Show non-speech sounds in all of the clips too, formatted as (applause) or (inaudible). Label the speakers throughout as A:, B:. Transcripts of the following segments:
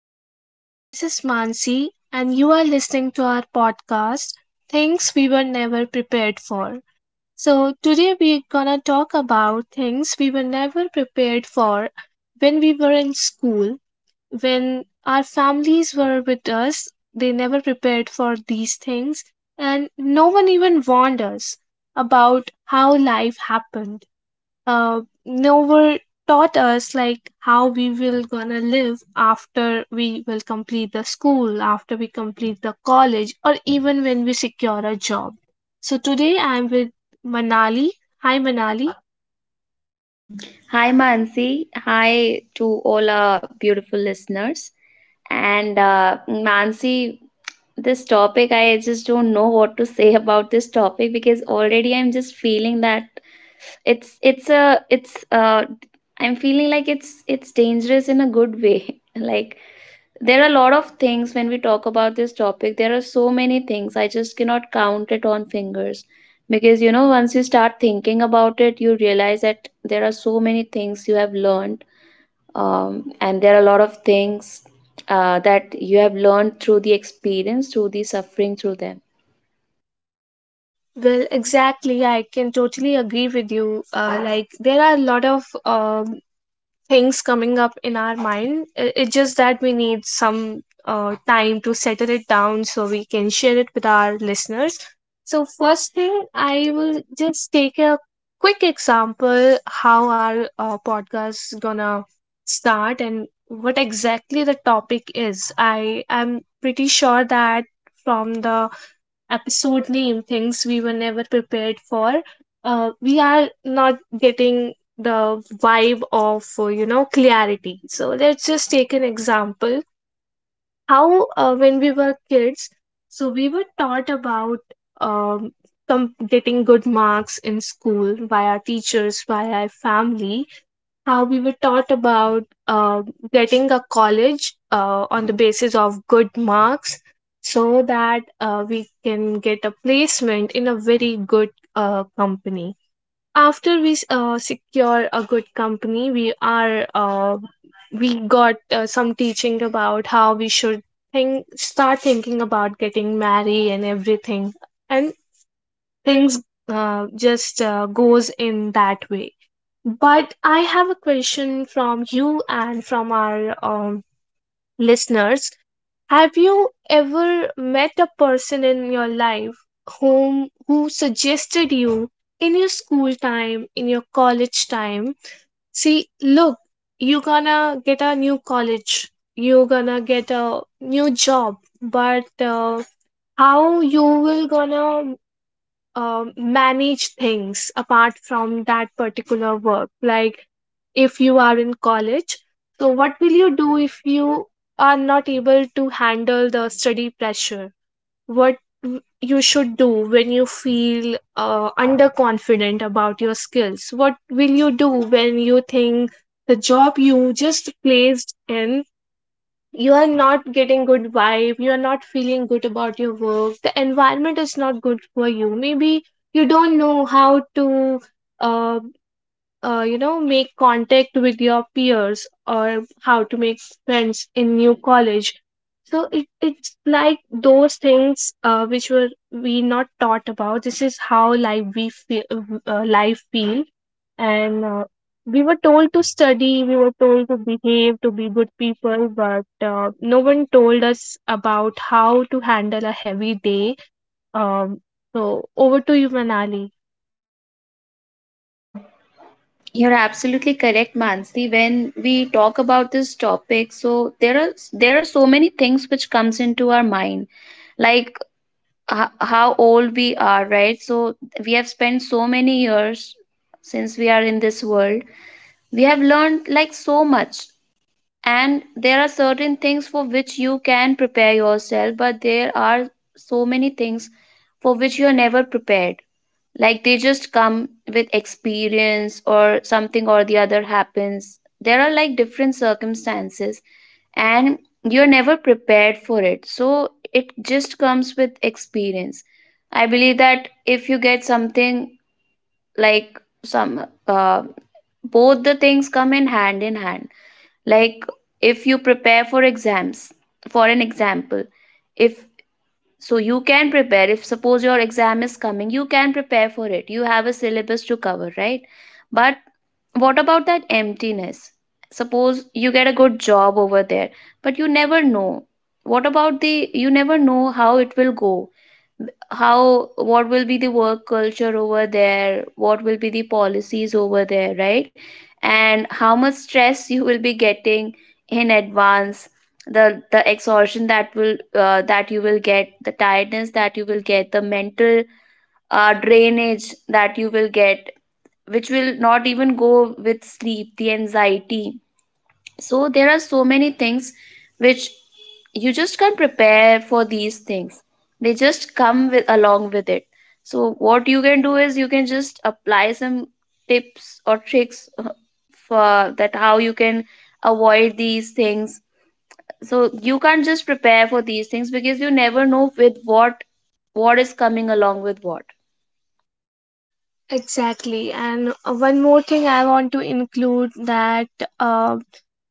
A: everyone, this is Mansi, and you are listening to our podcast, Things We Were Never Prepared For. So, today we're gonna talk about things we were never prepared for when we were in school, when our families were with us, they never prepared for these things, and no one even warned us about how life happened, uh, never taught us like how we will gonna live after we will complete the school after we complete the college or even when we secure a job. So today I'm with Manali. Hi, Manali.
B: Hi, Mansi. Hi to all our beautiful listeners. And Mansi, this topic, I just don't know what to say (laughs) about this topic because already I'm just feeling that it's I'm feeling like it's dangerous in a good way. (laughs) Like there are a lot of things when we talk about this topic. There are so many things. I just cannot count it on fingers. Because once you start thinking about it, you realize that there are so many things you have learned. And there are a lot of things that you have learned through the experience, through the suffering, through them.
A: Well, exactly, I can totally agree with you. Like there are a lot of things coming up in our mind. It's just that we need some time to settle it down so we can share it with our listeners. So, first thing, I will just take a quick example how our podcast is gonna start and what exactly the topic is. I am pretty sure that from the episode name, Things We Were Never Prepared For, we are not getting the vibe of, you know, clarity. So let's just take an example. How, when we were kids, so we were taught about um, getting good marks in school by our teachers, by our family, how we were taught about getting a college on the basis of good marks so that we can get a placement in a very good company. After we secure a good company, we are we got some teaching about how we should think start thinking about getting married and everything, and things just goes in that way. But I have a question from you and from our listeners. Have you ever met a person in your life who suggested you in your school time, in your college time? See, look, you're gonna get a new college, you're gonna get a new job, but how you will gonna manage things apart from that particular work? Like if you are in college. So, what will you do if you are not able to handle the study pressure? What you should do when you feel underconfident about your skills? What will you do when you think the job you just placed in? You are not getting good vibe, you are not feeling good about your work, the environment is not good for you. Maybe you don't know how to uh, you know make contact with your peers or how to make friends in new college. So it's like those things which were we not taught about. This is how life we feel, life feel. And we were told to study, we were told to behave to be good people, but no one told us about how to handle a heavy day. um, so over to you, Manali.
B: You're absolutely correct, Mansi. When we talk about this topic, so there are so many things which comes into our mind, like how old we are, right? So we have spent so many years since we are in this world. We have learned like so much, and there are certain things for which you can prepare yourself, but there are so many things for which you are never prepared, like they just come with experience, or something or the other happens. There are like different circumstances, and you're never prepared for it, so it just comes with experience. I believe that if you get something like some both the things come in hand in hand, like if you prepare for exams, for an example, if so you can prepare. If suppose your exam is coming, you can prepare for it. You have a syllabus to cover, right? But what about that emptiness? Suppose you get a good job over there, but you never know what about the you never know how it will go, how what will be the work culture over there, what will be the policies over there, right? And how much stress (laughs) you will be getting in advance, the exhaustion that will that you will get, the tiredness that you will get, the mental drainage that you will get, which will not even go with sleep, the anxiety. So there are so many things which you just can't prepare for. These things, they just come with along with it. So what you can do is you can just apply some tips or tricks, for that, how you can avoid these things. So you can't just prepare for these things because you never know with what is coming along with what.
A: Exactly. And one more thing I want to include that, uh,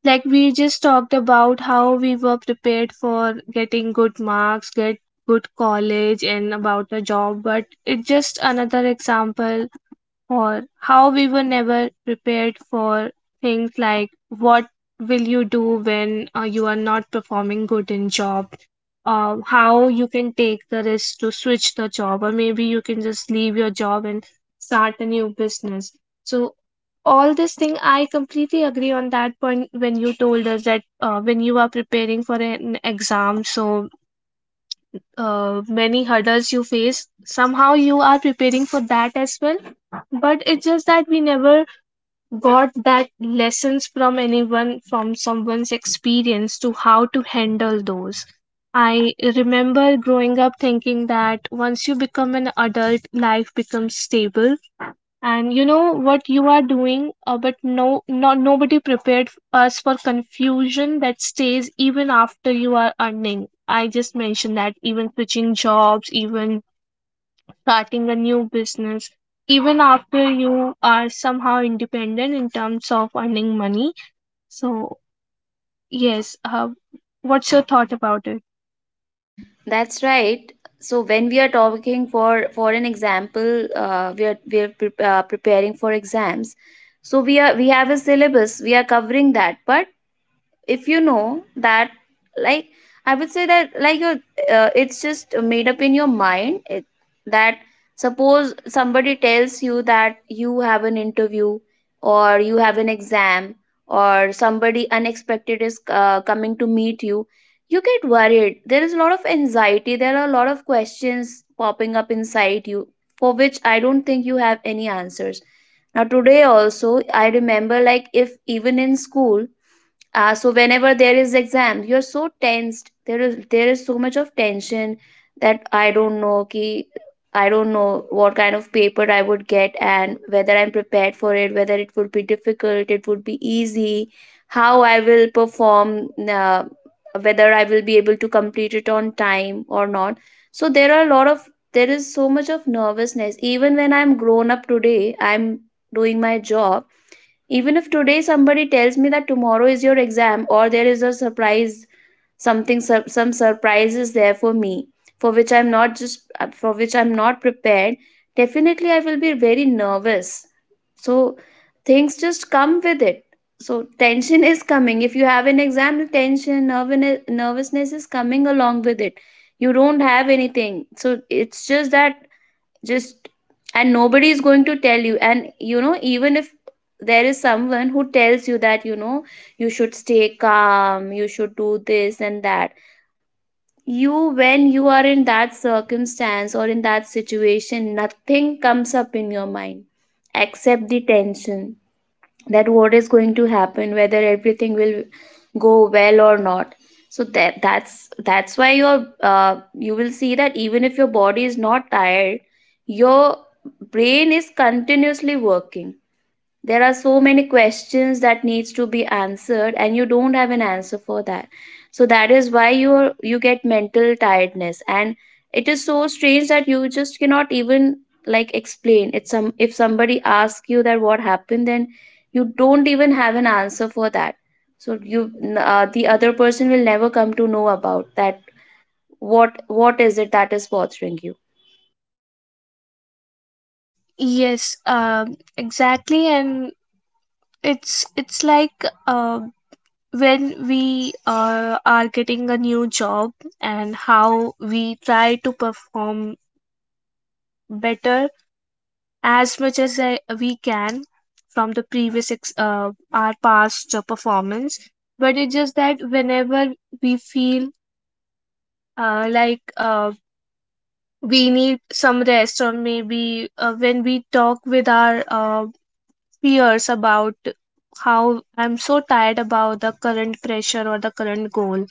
A: like we just talked about how we were prepared for getting good marks, get good college, and about a job, but it's just another example or how we were never prepared for things like what will you do when you are not performing good in job, how you can take the risk to switch the job or maybe you can just leave your job and start a new business. So all this thing I completely agree on that point when you told us that when you are preparing for an exam, so many hurdles you face, somehow you are preparing for that as well. But it's just that we never got that lessons from anyone, from someone's experience, to how to handle those. I remember growing up thinking that once you become an adult, life becomes stable and you know what you are doing, but no, not nobody prepared us for confusion that stays even after you are earning. I just mentioned that, even switching jobs, even starting a new business, even after you are somehow independent in terms of earning money. So yes, what's your thought about it?
B: That's right. So when we are talking, for an example, we are preparing for exams. So we have a syllabus, we are covering that. But if you know that, like, I would say that like you it's just made up in your mind, that suppose somebody tells you that you have an interview, or you have an exam, or somebody unexpected is coming to meet you, you get worried. There is a lot of anxiety, there are a lot of questions popping up inside you, for which I don't think you have any answers. Now today also, I remember like if even in school, so whenever there is exam, you're so tensed. There is so much of tension that I don't know, I don't know what kind of paper I would get, and whether I'm prepared for it, whether it would be difficult, it would be easy, how I will perform, uh, whether I will be able to complete it on time or not. So there are a lot of, there is so much of nervousness even when I'm grown up. Today I'm doing my job. Even if today somebody tells me that tomorrow is your exam, or there is a surprise, some surprise is there for me, for which I'm not prepared, definitely I will be very nervous. So things just come with it. So tension is coming. If you have an exam, the tension, nervousness is coming along with it. You don't have anything. So it's just that just, and nobody is going to tell you. And you know, even if there is someone who tells you that, you know, you should stay calm, you should do this and that, you when you are in that circumstance or in that situation, nothing comes up in your mind except the tension, that what is going to happen, whether everything will go well or not. So that's why your you will see that even if your body is not tired, your brain is continuously working. There are so many questions that needs to be answered, and you don't have an answer for that. So that is why you get mental tiredness. And it is so strange that you just cannot even like explain it. Some, if somebody asks you that what happened then, you don't even have an answer for that. So you the other person will never come to know about that, what is it that is bothering you.
A: Yes, exactly. And it's like, uh. When we are getting a new job and how we try to perform better as much as we can from the previous our past performance. But it's just that whenever we feel uh, like uh, we need some rest, or maybe when we talk with our peers about how I'm so tired about the current pressure or the current goal,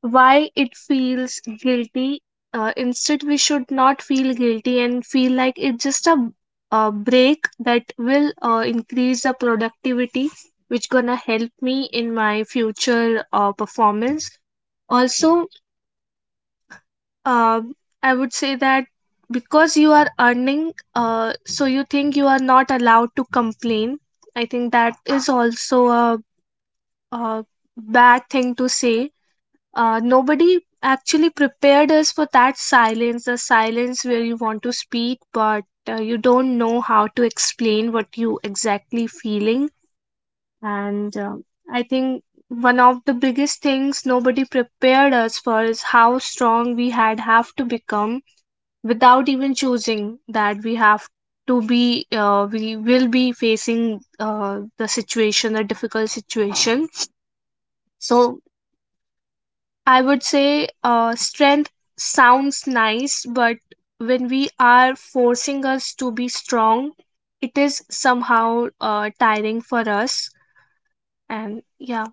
A: why it feels guilty. Instead, we should not feel guilty and feel like it's just a break that will increase the productivity, which gonna help me in my future performance. Also, uh, I would say that because you are earning, so you think you are not allowed to complain. I think that is also a bad thing to say. Nobody actually prepared us for that silence, the silence where you want to speak, but you don't know how to explain what you exactly feeling. And I think one of the biggest things nobody prepared us for is how strong we had have to become without even choosing that we have to be, we will be facing the situation, a difficult situation. So I would say strength sounds nice, but when we are forcing us to be strong, it is somehow tiring for us. And yeah,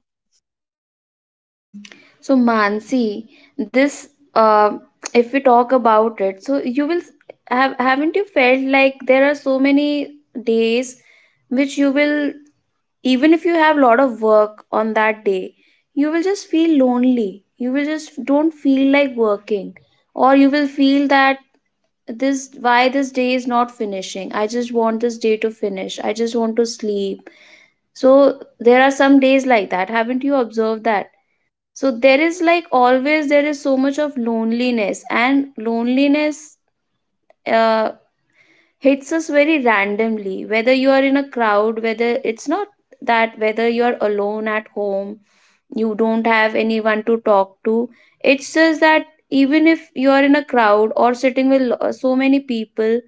B: So Mansi, this uh, if we talk about it, so have haven't you felt like there are so many days which you will, even if you have a lot of work on that day, you will just feel lonely. You will just don't feel like working, or you will feel that this, why this day is not finishing. I just want this day to finish. I just want to sleep. So there are some days like that. Haven't you observed that? So there is like always there is so much of loneliness. And loneliness uh, hits us very randomly, whether you are in a crowd, whether it's not, that whether you're alone at home, you don't have anyone to talk to. It's just that even if you are in a crowd or sitting with so many people,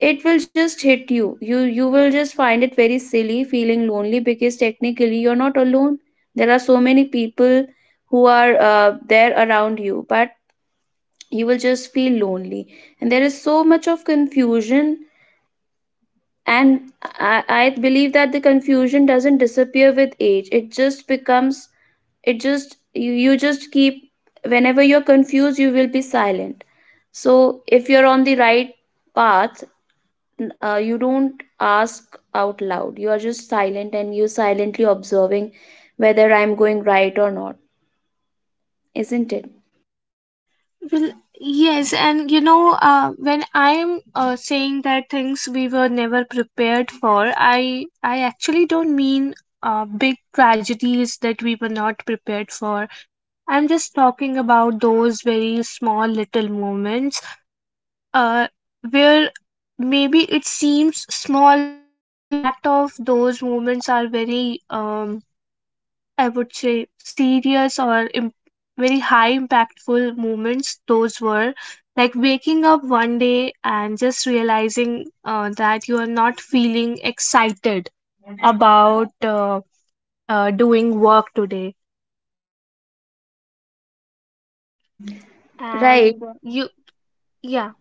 B: it will just hit you. You will just find it very silly feeling lonely because technically you're not alone. There are so many people who are there around you, but you will just feel lonely. And there is so much of confusion. And I believe that the confusion doesn't disappear with age. It just becomes, it just you just keep, whenever you're confused you will be silent. So if you're on the right path, you don't ask out loud, you are just silent, and you silently observing whether I'm going right or not, isn't it?
A: well, yes. And you know, when I'm saying that things we were never prepared for, I actually don't mean big tragedies that we were not prepared for. I'm just talking about those very small little moments, uh, where maybe it seems small, but the impact of those moments are very, I would say, serious or very high impactful moments. Those were like waking up one day and just realizing that you are not feeling excited about doing work today,
B: Right,
A: and you, yeah.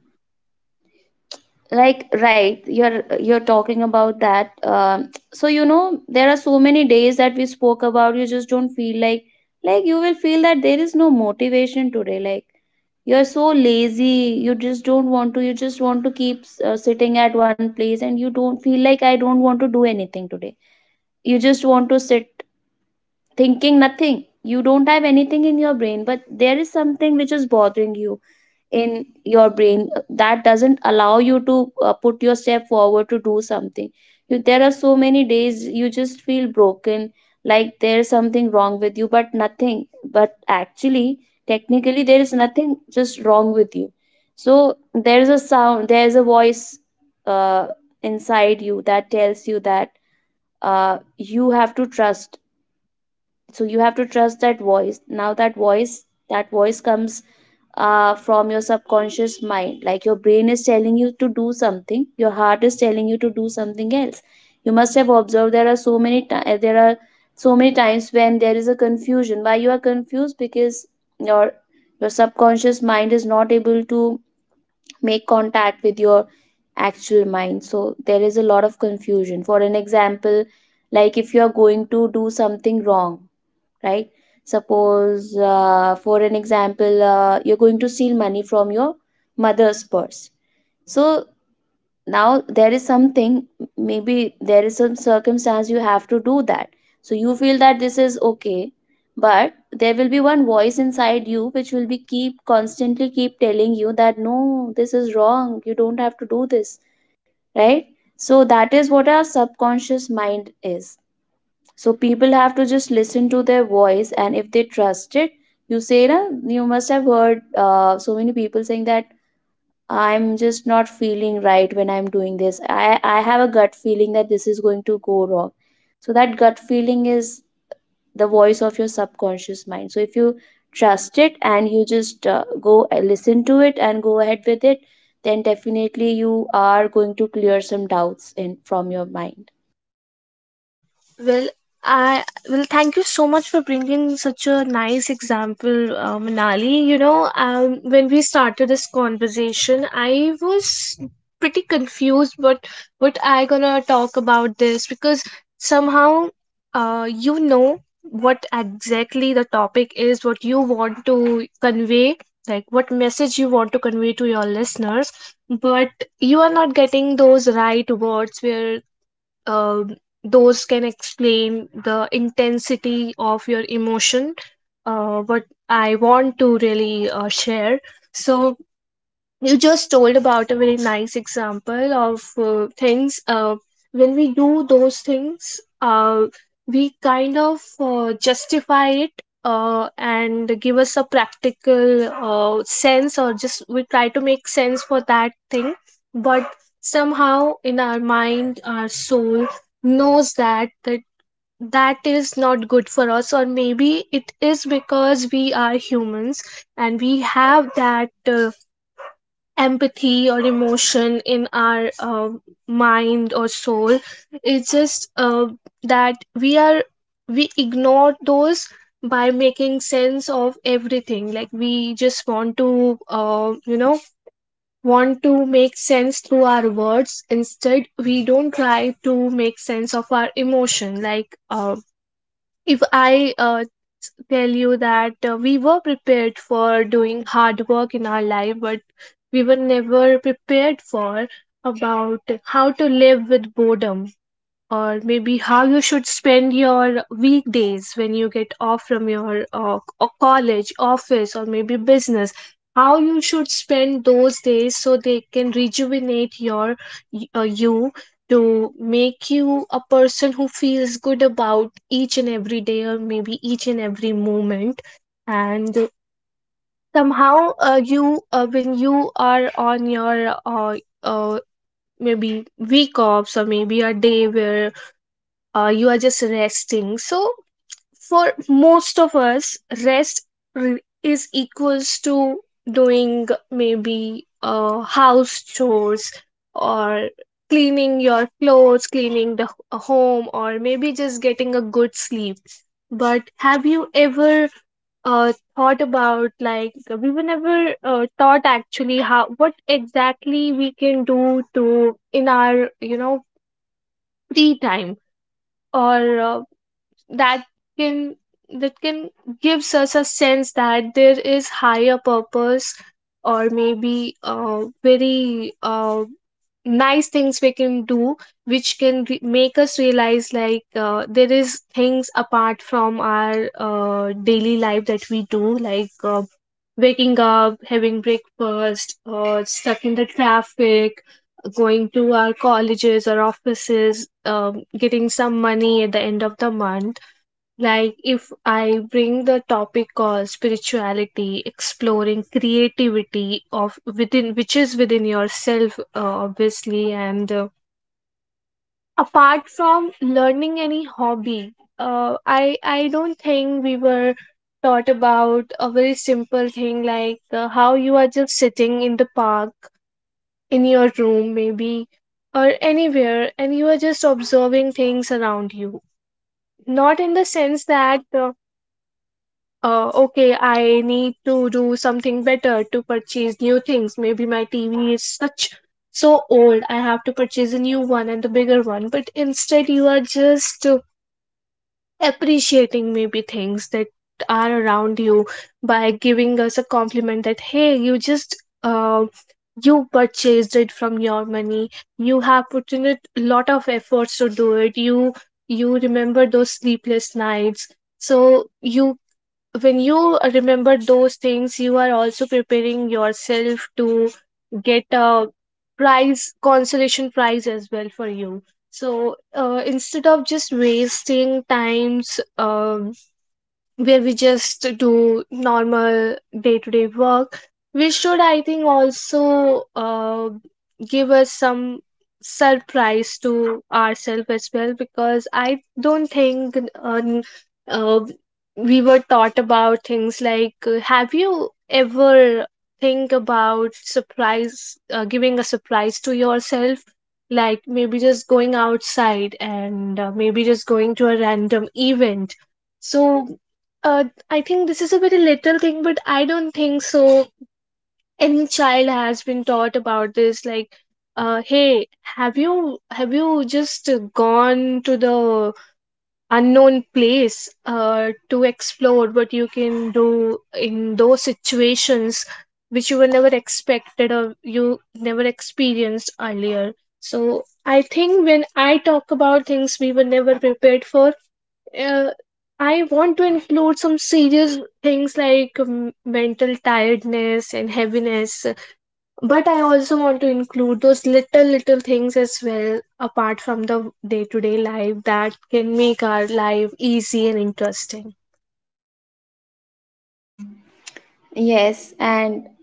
B: like right, you're talking about that. So you know, there are so many days that we spoke about, you just don't feel like you will feel that there is no motivation today, like you're so lazy. You just don't want to, you just want to keep sitting at one place, and you don't feel like, I don't want to do anything today. You just want to sit thinking nothing. You don't have anything in your brain, but there is something which is bothering you in your brain, that doesn't allow you to put your step forward to do something. You, there are so many days you just feel broken, like there's something wrong with you, but nothing. But actually, technically, there is nothing just wrong with you. So there's a sound, there's a voice uh, inside you that tells you that you have to trust. So you have to trust that voice. Now that voice, that voice comes from your subconscious mind. Like your brain is telling you to do something, your heart is telling you to do something else. You must have observed there are so many there are so many times when there is a confusion. Why you are confused? Because your your subconscious mind is not able to make contact with your actual mind. So there is a lot of confusion. For an example, like if you are going to do something wrong, right? Suppose, for an example, you're going to steal money from your mother's purse. So now there is something, maybe there is some circumstance you have to do that. So you feel that this is okay, but there will be one voice inside you which will be keep constantly keep telling you that no, this is wrong. You don't have to do this, right? So that is what our subconscious mind is. So people have to just listen to their voice, and if they trust it, you say, na, you must have heard so many people saying that I'm just not feeling right when I'm doing this. I have a gut feeling that this is going to go wrong. So that gut feeling is the voice of your subconscious mind. So if you trust it and you just go listen to it and go ahead with it, then definitely you are going to clear some doubts in from your mind.
A: Well, I, well, thank you so much for bringing such a nice example, Manali. You know, when we started this conversation, I was pretty confused. But what I gonna talk about this? Because somehow, you know what exactly the topic is, what you want to convey, like what message you want to convey to your listeners, but you are not getting those right words where uh, those can explain the intensity of your emotion, what I want to really share. So you just told about a very nice example of things, when we do those things we kind of justify it and give us a practical sense, or just we try to make sense for that thing. But somehow in our mind, our soul knows that that is not good for us. Or maybe it is because we are humans and we have that empathy or emotion in our mind or soul. It's just that we are, we ignore those by making sense of everything, like we just want to, you know, want to make sense through our words, instead we don't try to make sense of our emotion. Like, if I tell you that we were prepared for doing hard work in our life, but we were never prepared for about how to live with boredom, or maybe how you should spend your weekdays when you get off from your college, office, or maybe business. How you should spend those days so they can rejuvenate your you, to make you a person who feels good about each and every day, or maybe each and every moment, and somehow you when you are on your uh, maybe week offs, or maybe a day where you are just resting. So for most of us, rest is equals to doing maybe house chores, or cleaning your clothes, cleaning the home, or maybe just getting a good sleep. But have you ever thought about, like, we were never thought actually how, what exactly we can do to, in our free time, or that can, that can gives us a sense that there is higher purpose, or maybe very nice things we can do which can make us realize, like, there is things apart from our daily life that we do, like waking up, having breakfast, stuck in the traffic, going to our colleges or offices, getting some money at the end of the month. Like, if I bring the topic called spirituality, exploring creativity of within, which is within yourself, obviously, and apart from learning any hobby, I don't think we were taught about a very simple thing, like, how you are just sitting in the park, in your room maybe, or anywhere, and you are just observing things around you, not in the sense that okay, I need to do something better to purchase new things. Maybe my TV is such so old, I have to purchase a new one, and the bigger one. But instead, you are just appreciating maybe things that are around you by giving us a compliment that, hey, you just. You purchased it from your money, you have put in a lot of efforts to do it, you remember those sleepless nights. So you, when you remember those things, you are also preparing yourself to get a prize, consolation prize as well for you. So instead of just wasting times, where we just do normal day-to-day work, we should, I think, also give us some surprise to ourselves as well, because I don't think uh, we were taught about things like, have you ever think about surprise, giving a surprise to yourself, like maybe just going outside and maybe just going to a random event. So uh, I think this is a very little thing, but I don't think so. Any child has been taught about this, like, hey, have you just gone to the unknown place to explore what you can do in those situations which you were never expected or you never experienced earlier? So I think when I talk about things we were never prepared for, uh, I want to include some serious things like, mental tiredness and heaviness, but I also want to include those little, little things as well, apart from the day to day life that can make our life easy and interesting.
B: Yes, and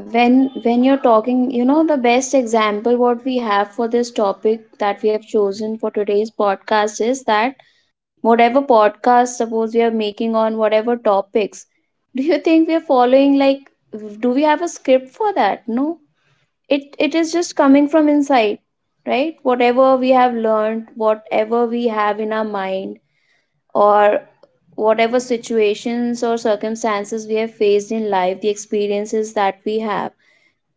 B: when when you're talking, the best example what we have for this topic that we have chosen for today's podcast is that whatever podcast suppose we are making on whatever topics, do you think we are following, like, do we have a script for that? No, it is just coming from inside, right? Whatever we have learned, whatever we have in our mind, or whatever situations or circumstances we have faced in life, the experiences that we have.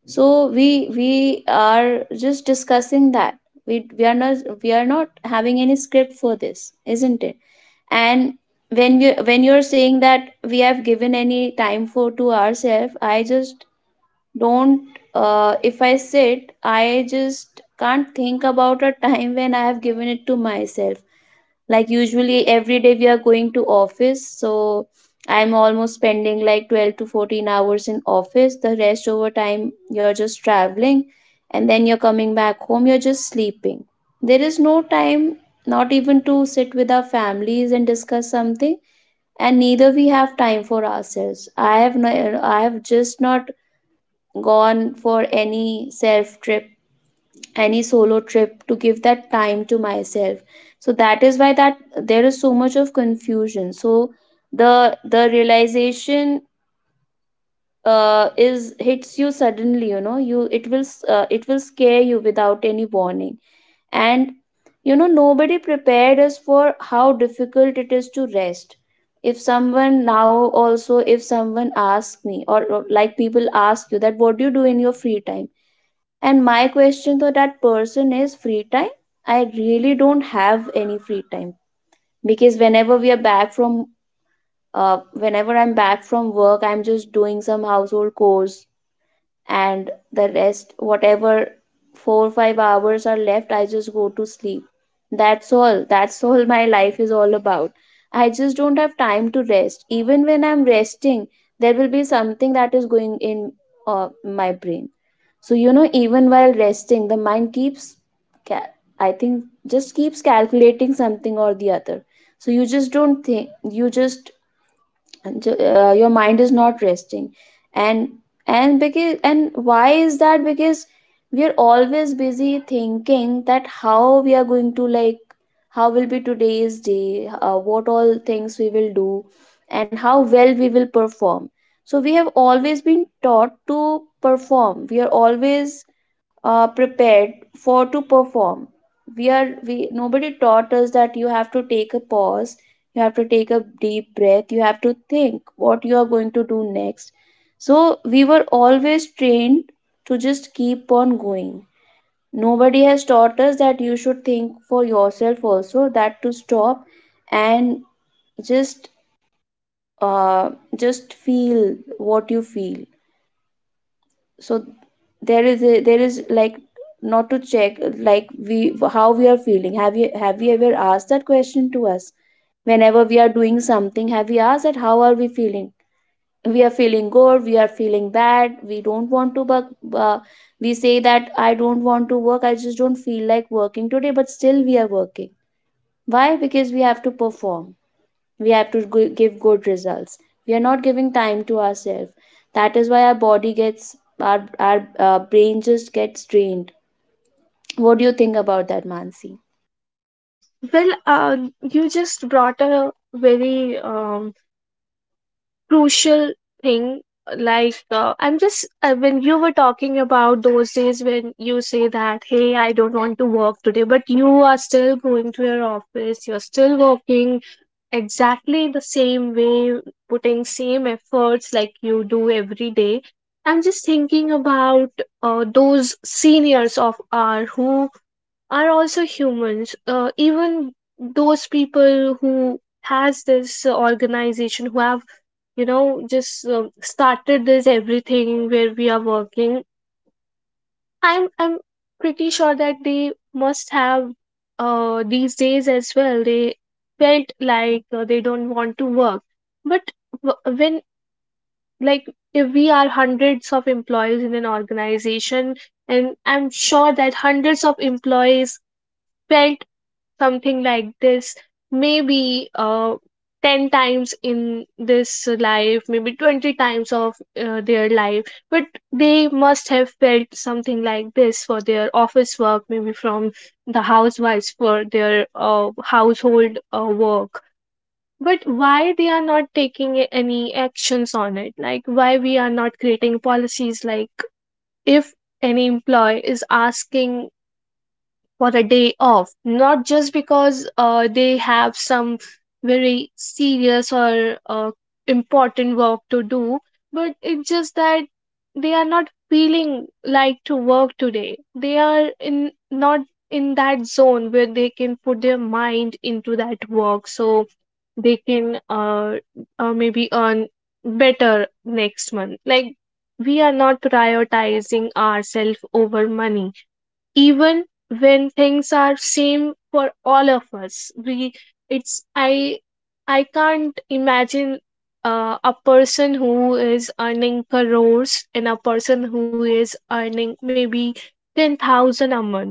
B: So we are just discussing that. We are not, we are not having any script for this, isn't it? And when you're saying that we have given any time for to ourselves, I just don't. If I sit, I just can't think about a time when I have given it to myself. Like usually, every day we are going to office, so I'm almost spending like 12 to 14 hours in office. The rest over time you're just traveling, and then you're coming back home, you're just sleeping. There is no time, not even to sit with our families and discuss something. And neither we have time for ourselves. I have no, I have just not gone for any self trip, any solo trip to give that time to myself. So that is why that there is so much of confusion. So the realization is hits you suddenly, you know, you it will s- it will scare you without any warning. And, you know, nobody prepared us for how difficult it is to rest. If someone now, also if someone asks me, or like people ask you that, what do you do in your free time? And my question to that person is: free time? I really don't have any free time. Because whenever we are back from, whenever I'm back from work, I'm just doing some household chores, and the rest, whatever 4 or 5 hours are left, I just go to sleep. That's all. That's (laughs) all my life is all about. I just don't have time to rest. Even when I'm resting, there will be something that is going in my brain. So, even while resting, the mind keeps, ca- I think, just keeps calculating something or the other. So, you just don't think, you just, your mind is not resting. And, and and why is that? Because we are always busy thinking that how we are going to, like, how will be today's day, what all things we will do, and how well we will perform. So, we have always been taught to perform. We are always prepared for to perform. We are we nobody taught us that you have to take a pause, you have to take a deep breath, you have to think what you are going to do next. So we were always trained to just keep on going. Nobody has taught us that you should think for yourself also, that to stop and just uh, just feel what you feel. So there is, like, not to check, like we how we are feeling. Have you ever asked that question to us? Whenever we are doing something, have we asked that how are we feeling? We are feeling good, we are feeling bad, we don't want to work. Uh, we say that, I don't want to work, I just don't feel like working today, but still we are working. Why? Because we have to perform. We have to give good results. We are not giving time to ourselves. That is why our body gets, our brain just gets drained. What do you think about that, Mansi?
A: Well, you just brought a very crucial thing, like, I'm just when you were talking about those days, when you say that, hey, I don't want to work today, but you are still going to your office, you're still working exactly the same way, putting same efforts like you do every day, I'm just thinking about those seniors of our who are also humans, even those people who has this organization, who have, just started this everything where we are working. I'm pretty sure that they must have, these days as well, they felt like they don't want to work. But when, like, if we are hundreds of employees in an organization, and I'm sure that hundreds of employees felt something like this, maybe 10 times in this life, maybe 20 times of their life. But they must have felt something like this for their office work, maybe from the housewives for their household work. But why they are not taking any actions on it, like why we are not creating policies like, if any employee is asking for a day off, not just because they have some very serious or important work to do, but it's just that they are not feeling like to work today. They are in not in that zone where they can put their mind into that work, so they can maybe earn better next month. Like, we are not prioritizing ourselves over money, even when things are same for all of us. We it's i i can't imagine a person who is earning crores and a person who is earning maybe 10,000 a month.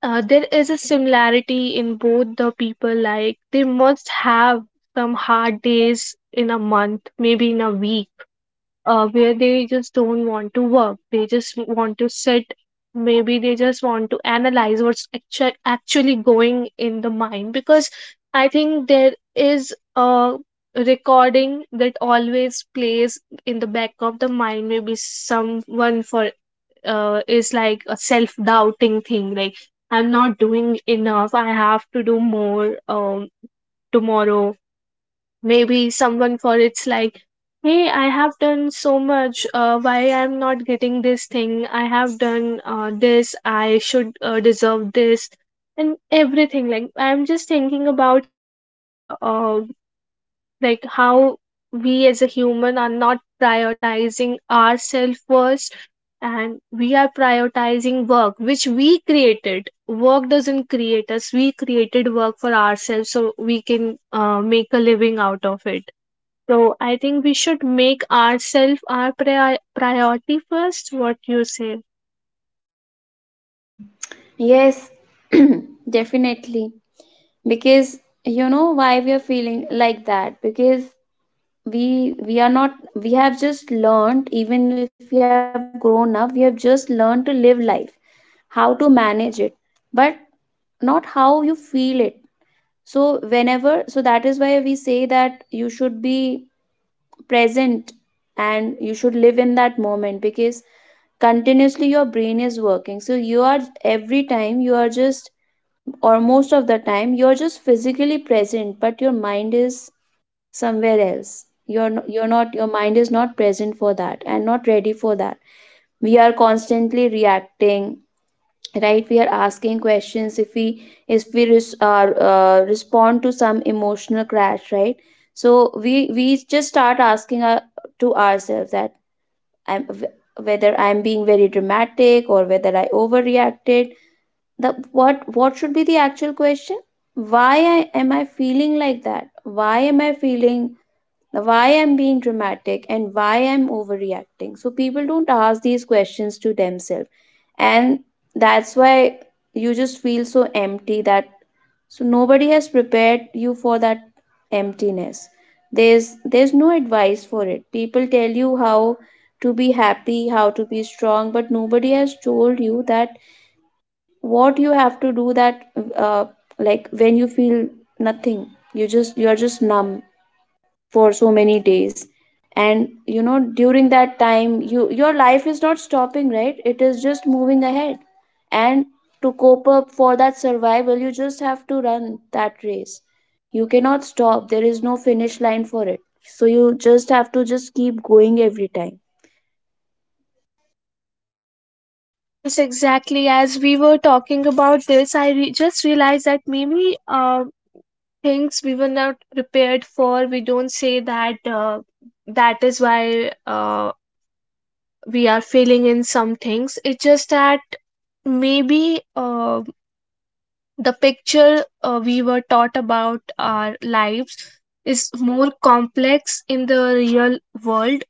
A: There is a similarity in both the people, like they must have some hard days in a month, maybe in a week, where they just don't want to work. They just want to sit. Maybe they just want to analyze what's actually going in the mind, because I think there is a recording that always plays in the back of the mind. Maybe someone for is like a self doubting thing, like, I'm not doing enough. I have to do more, tomorrow. Maybe someone for it's like, hey, I have done so much, why I'm not getting this thing? I have done this, I should deserve this, and everything. Like, I'm just thinking about how our how we as a human are not prioritizing ourselves first, and we are prioritizing work which we created. Work doesn't create us, we created work for ourselves so we can make a living out of it. So I think we should make ourselves our priority first. What you say?
B: Yes, (clears throat) definitely. Because, you know, why we are feeling like that? Because we we are not, we have just learned, even if we have grown up, we have just learned to live life, how to manage it, but not how you feel it. So that is why we say that you should be present, and you should live in that moment. Because continuously your brain is working, so you are every time you are just or most of the time you're just physically present but your mind is somewhere else. You're not, your mind is not present for that and not ready for that. We are constantly reacting, right? We are asking questions. If we if we res- are uh, respond to some emotional crash, right? So we just start asking to ourselves that, I'm whether I'm being very dramatic or whether I overreacted. The What should be the actual question? Why am I feeling like that? Why am I feeling, why I'm being dramatic and why I'm overreacting? So people don't ask these questions to themselves. And that's why you just feel so empty that, so nobody has prepared you for that emptiness. There's no advice for it. People tell you how to be happy, how to be strong, but nobody has told you that what you have to do, that uh, like when you feel nothing, you just, you are just numb for so many days. And, you know, during that time, your life is not stopping, right? It is just moving ahead. And to cope up for that survival, you just have to run that race. You cannot stop, there is no finish line for it. So you just have to just keep going every time.
A: Yes, exactly. As we were talking about this, I just realized that maybe things we were not prepared for, we don't say that that is why we are failing in some things. It's just that maybe the picture we were taught about our lives is more complex in the real world,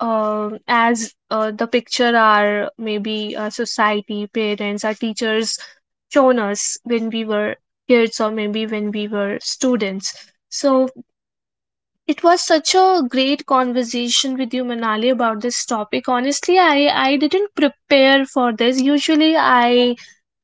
A: as the picture are, maybe our society, parents, our teachers shown us when we were kids, or maybe when we were students. So it was such a great conversation with you, Manali, about this topic. Honestly, I didn't prepare for this. Usually, I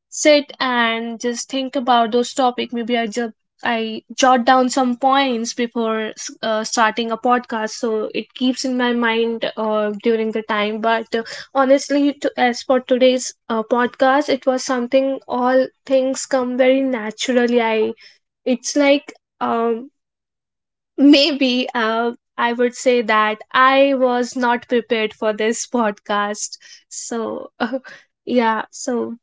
A: sit and just think about those topics. Maybe I jot down some points before starting a podcast, so it keeps in my mind during the time. But honestly, as for today's podcast, it was something, all things come very naturally. I, it's like, um, maybe I would say that I was not prepared for this podcast, so (laughs) yeah, so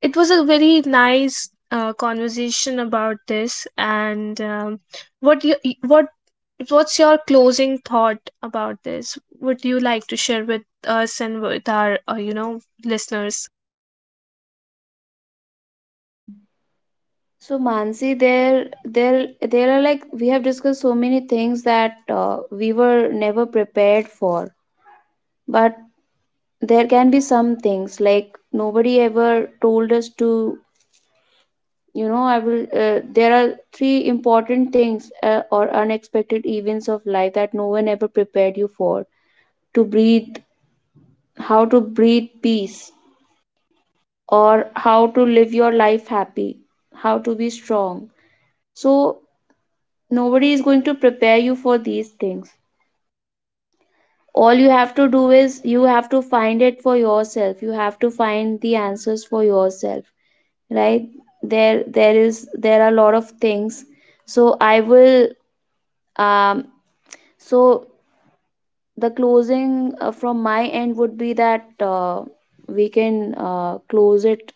A: it was a very nice conversation about this, and, what you what what's your closing thought about this? Would you like to share with us and with our listeners?
B: So Mansi, there are, like, we have discussed so many things that we were never prepared for. But there can be some things like nobody ever told us to, you know, I will there are three important things, or unexpected events of life that no one ever prepared you for. To breathe, how to breathe peace, or how to live your life happy, how to be strong. So nobody is going to prepare you for these things. All you have to do is, you have to find it for yourself, you have to find the answers for yourself, right? There are a lot of things. So i will um so the closing from my end would be that, we can close it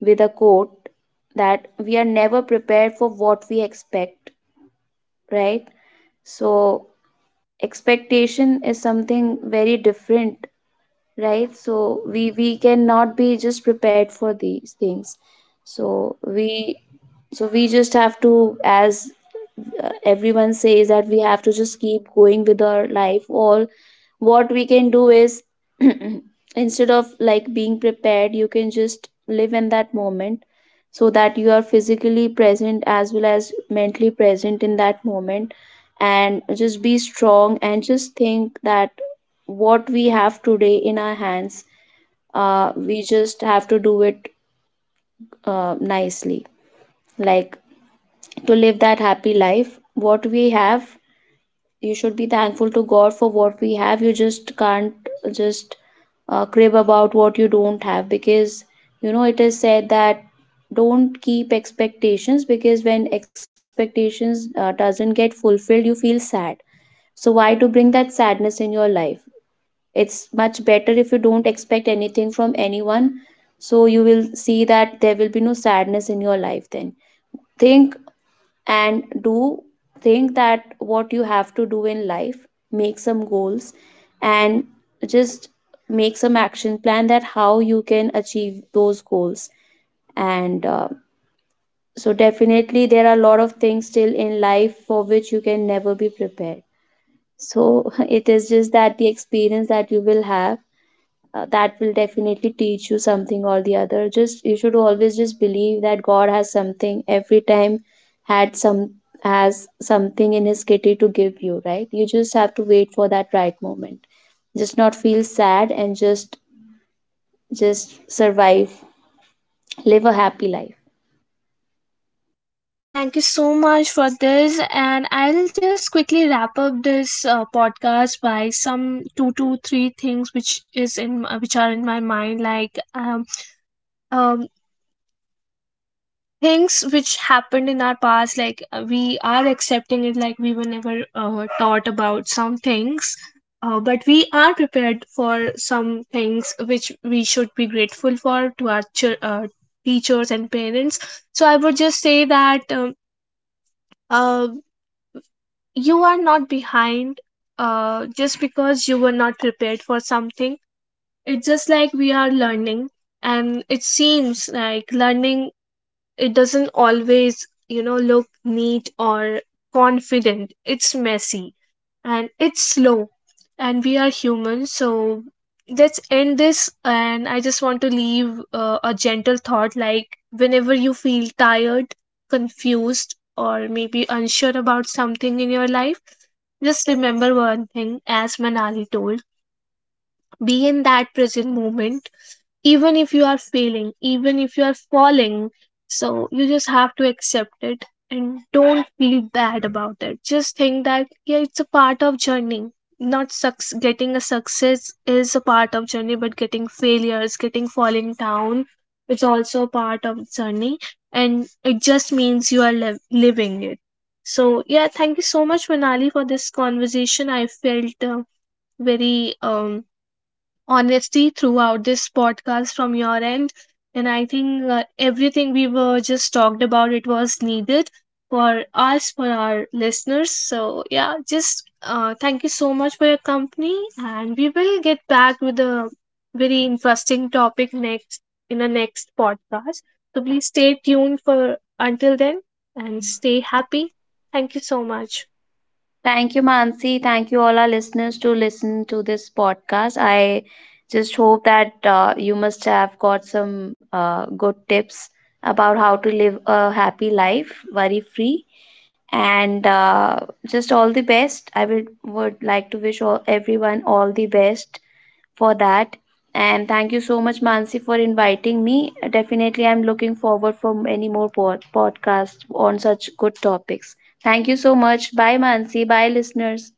B: with a quote, that we are never prepared for what we expect, right? So expectation is something very different, right? So we cannot be just prepared for these things. So we so we just have to, as everyone says, that we have to just keep going with our life. All what we can do is, (clears throat) instead of like being prepared, you can just live in that moment, so that you are physically present as well as mentally present in that moment. And just be strong, and just think that what we have today in our hands, we just have to do it nicely, like, to live that happy life what we have. You should be thankful to God for what we have. You just can't just crib about what you don't have, because, you know, it is said that don't keep expectations, because when expectations doesn't get fulfilled, you feel sad. So why to bring that sadness in your life? It's much better if you don't expect anything from anyone. So you will see that there will be no sadness in your life then. Think and do. Think that what you have to do in life. Make some goals, and just make some action plan that how you can achieve those goals. And so definitely there are a lot of things still in life for which you can never be prepared. So (laughs) it is just that the experience that you will have, that will definitely teach you something or the other. Just you should always just believe that God has something every time, had some has something in his kitty to give you, right? You just have to wait for that right moment. Just not feel sad, and just survive, live a happy life.
A: Well, thank you so much for this, and I'll just quickly wrap up this podcast by some two to three things which is in, which are in my mind, like, um, things which happened in our past, like, we are accepting it, like we were never taught about some things, but we are prepared for some things which we should be grateful for, to our teachers and parents. So I would just say that, uh, you are not behind just because you were not prepared for something. It's just like we are learning, and it seems like learning, it doesn't always, you know, look neat or confident. It's messy, and it's slow, and we are human. So let's end this, and I just want to leave a gentle thought, like, whenever you feel tired, confused, or maybe unsure about something in your life, just remember one thing, as Manali told, be in that present moment, even if you are failing, even if you are falling. So you just have to accept it and don't feel bad about it. Just think that, yeah, it's a part of journey. Not success, getting a success is a part of journey, but getting failures, getting falling down, it's also a part of journey, and it just means you are living it. So yeah, thank you so much, Manali, for this conversation. I felt very um honesty throughout this podcast from your end, and I think everything we were just talked about, it was needed for us, for our listeners. So yeah, just thank you so much for your company, and we will get back with a very interesting topic next, in the next podcast. So please stay tuned for until then, and stay happy. Thank you so much.
B: Thank you, Mansi. Thank you, all our listeners, to listen to this podcast. I just hope that you must have got some good tips about how to live a happy life, worry free. And just all the best. I would like to wish everyone all the best for that. And thank you so much, Mansi, for inviting me. Definitely I'm looking forward for many more podcasts on such good topics. Thank you so much. Bye, Mansi. Bye, listeners.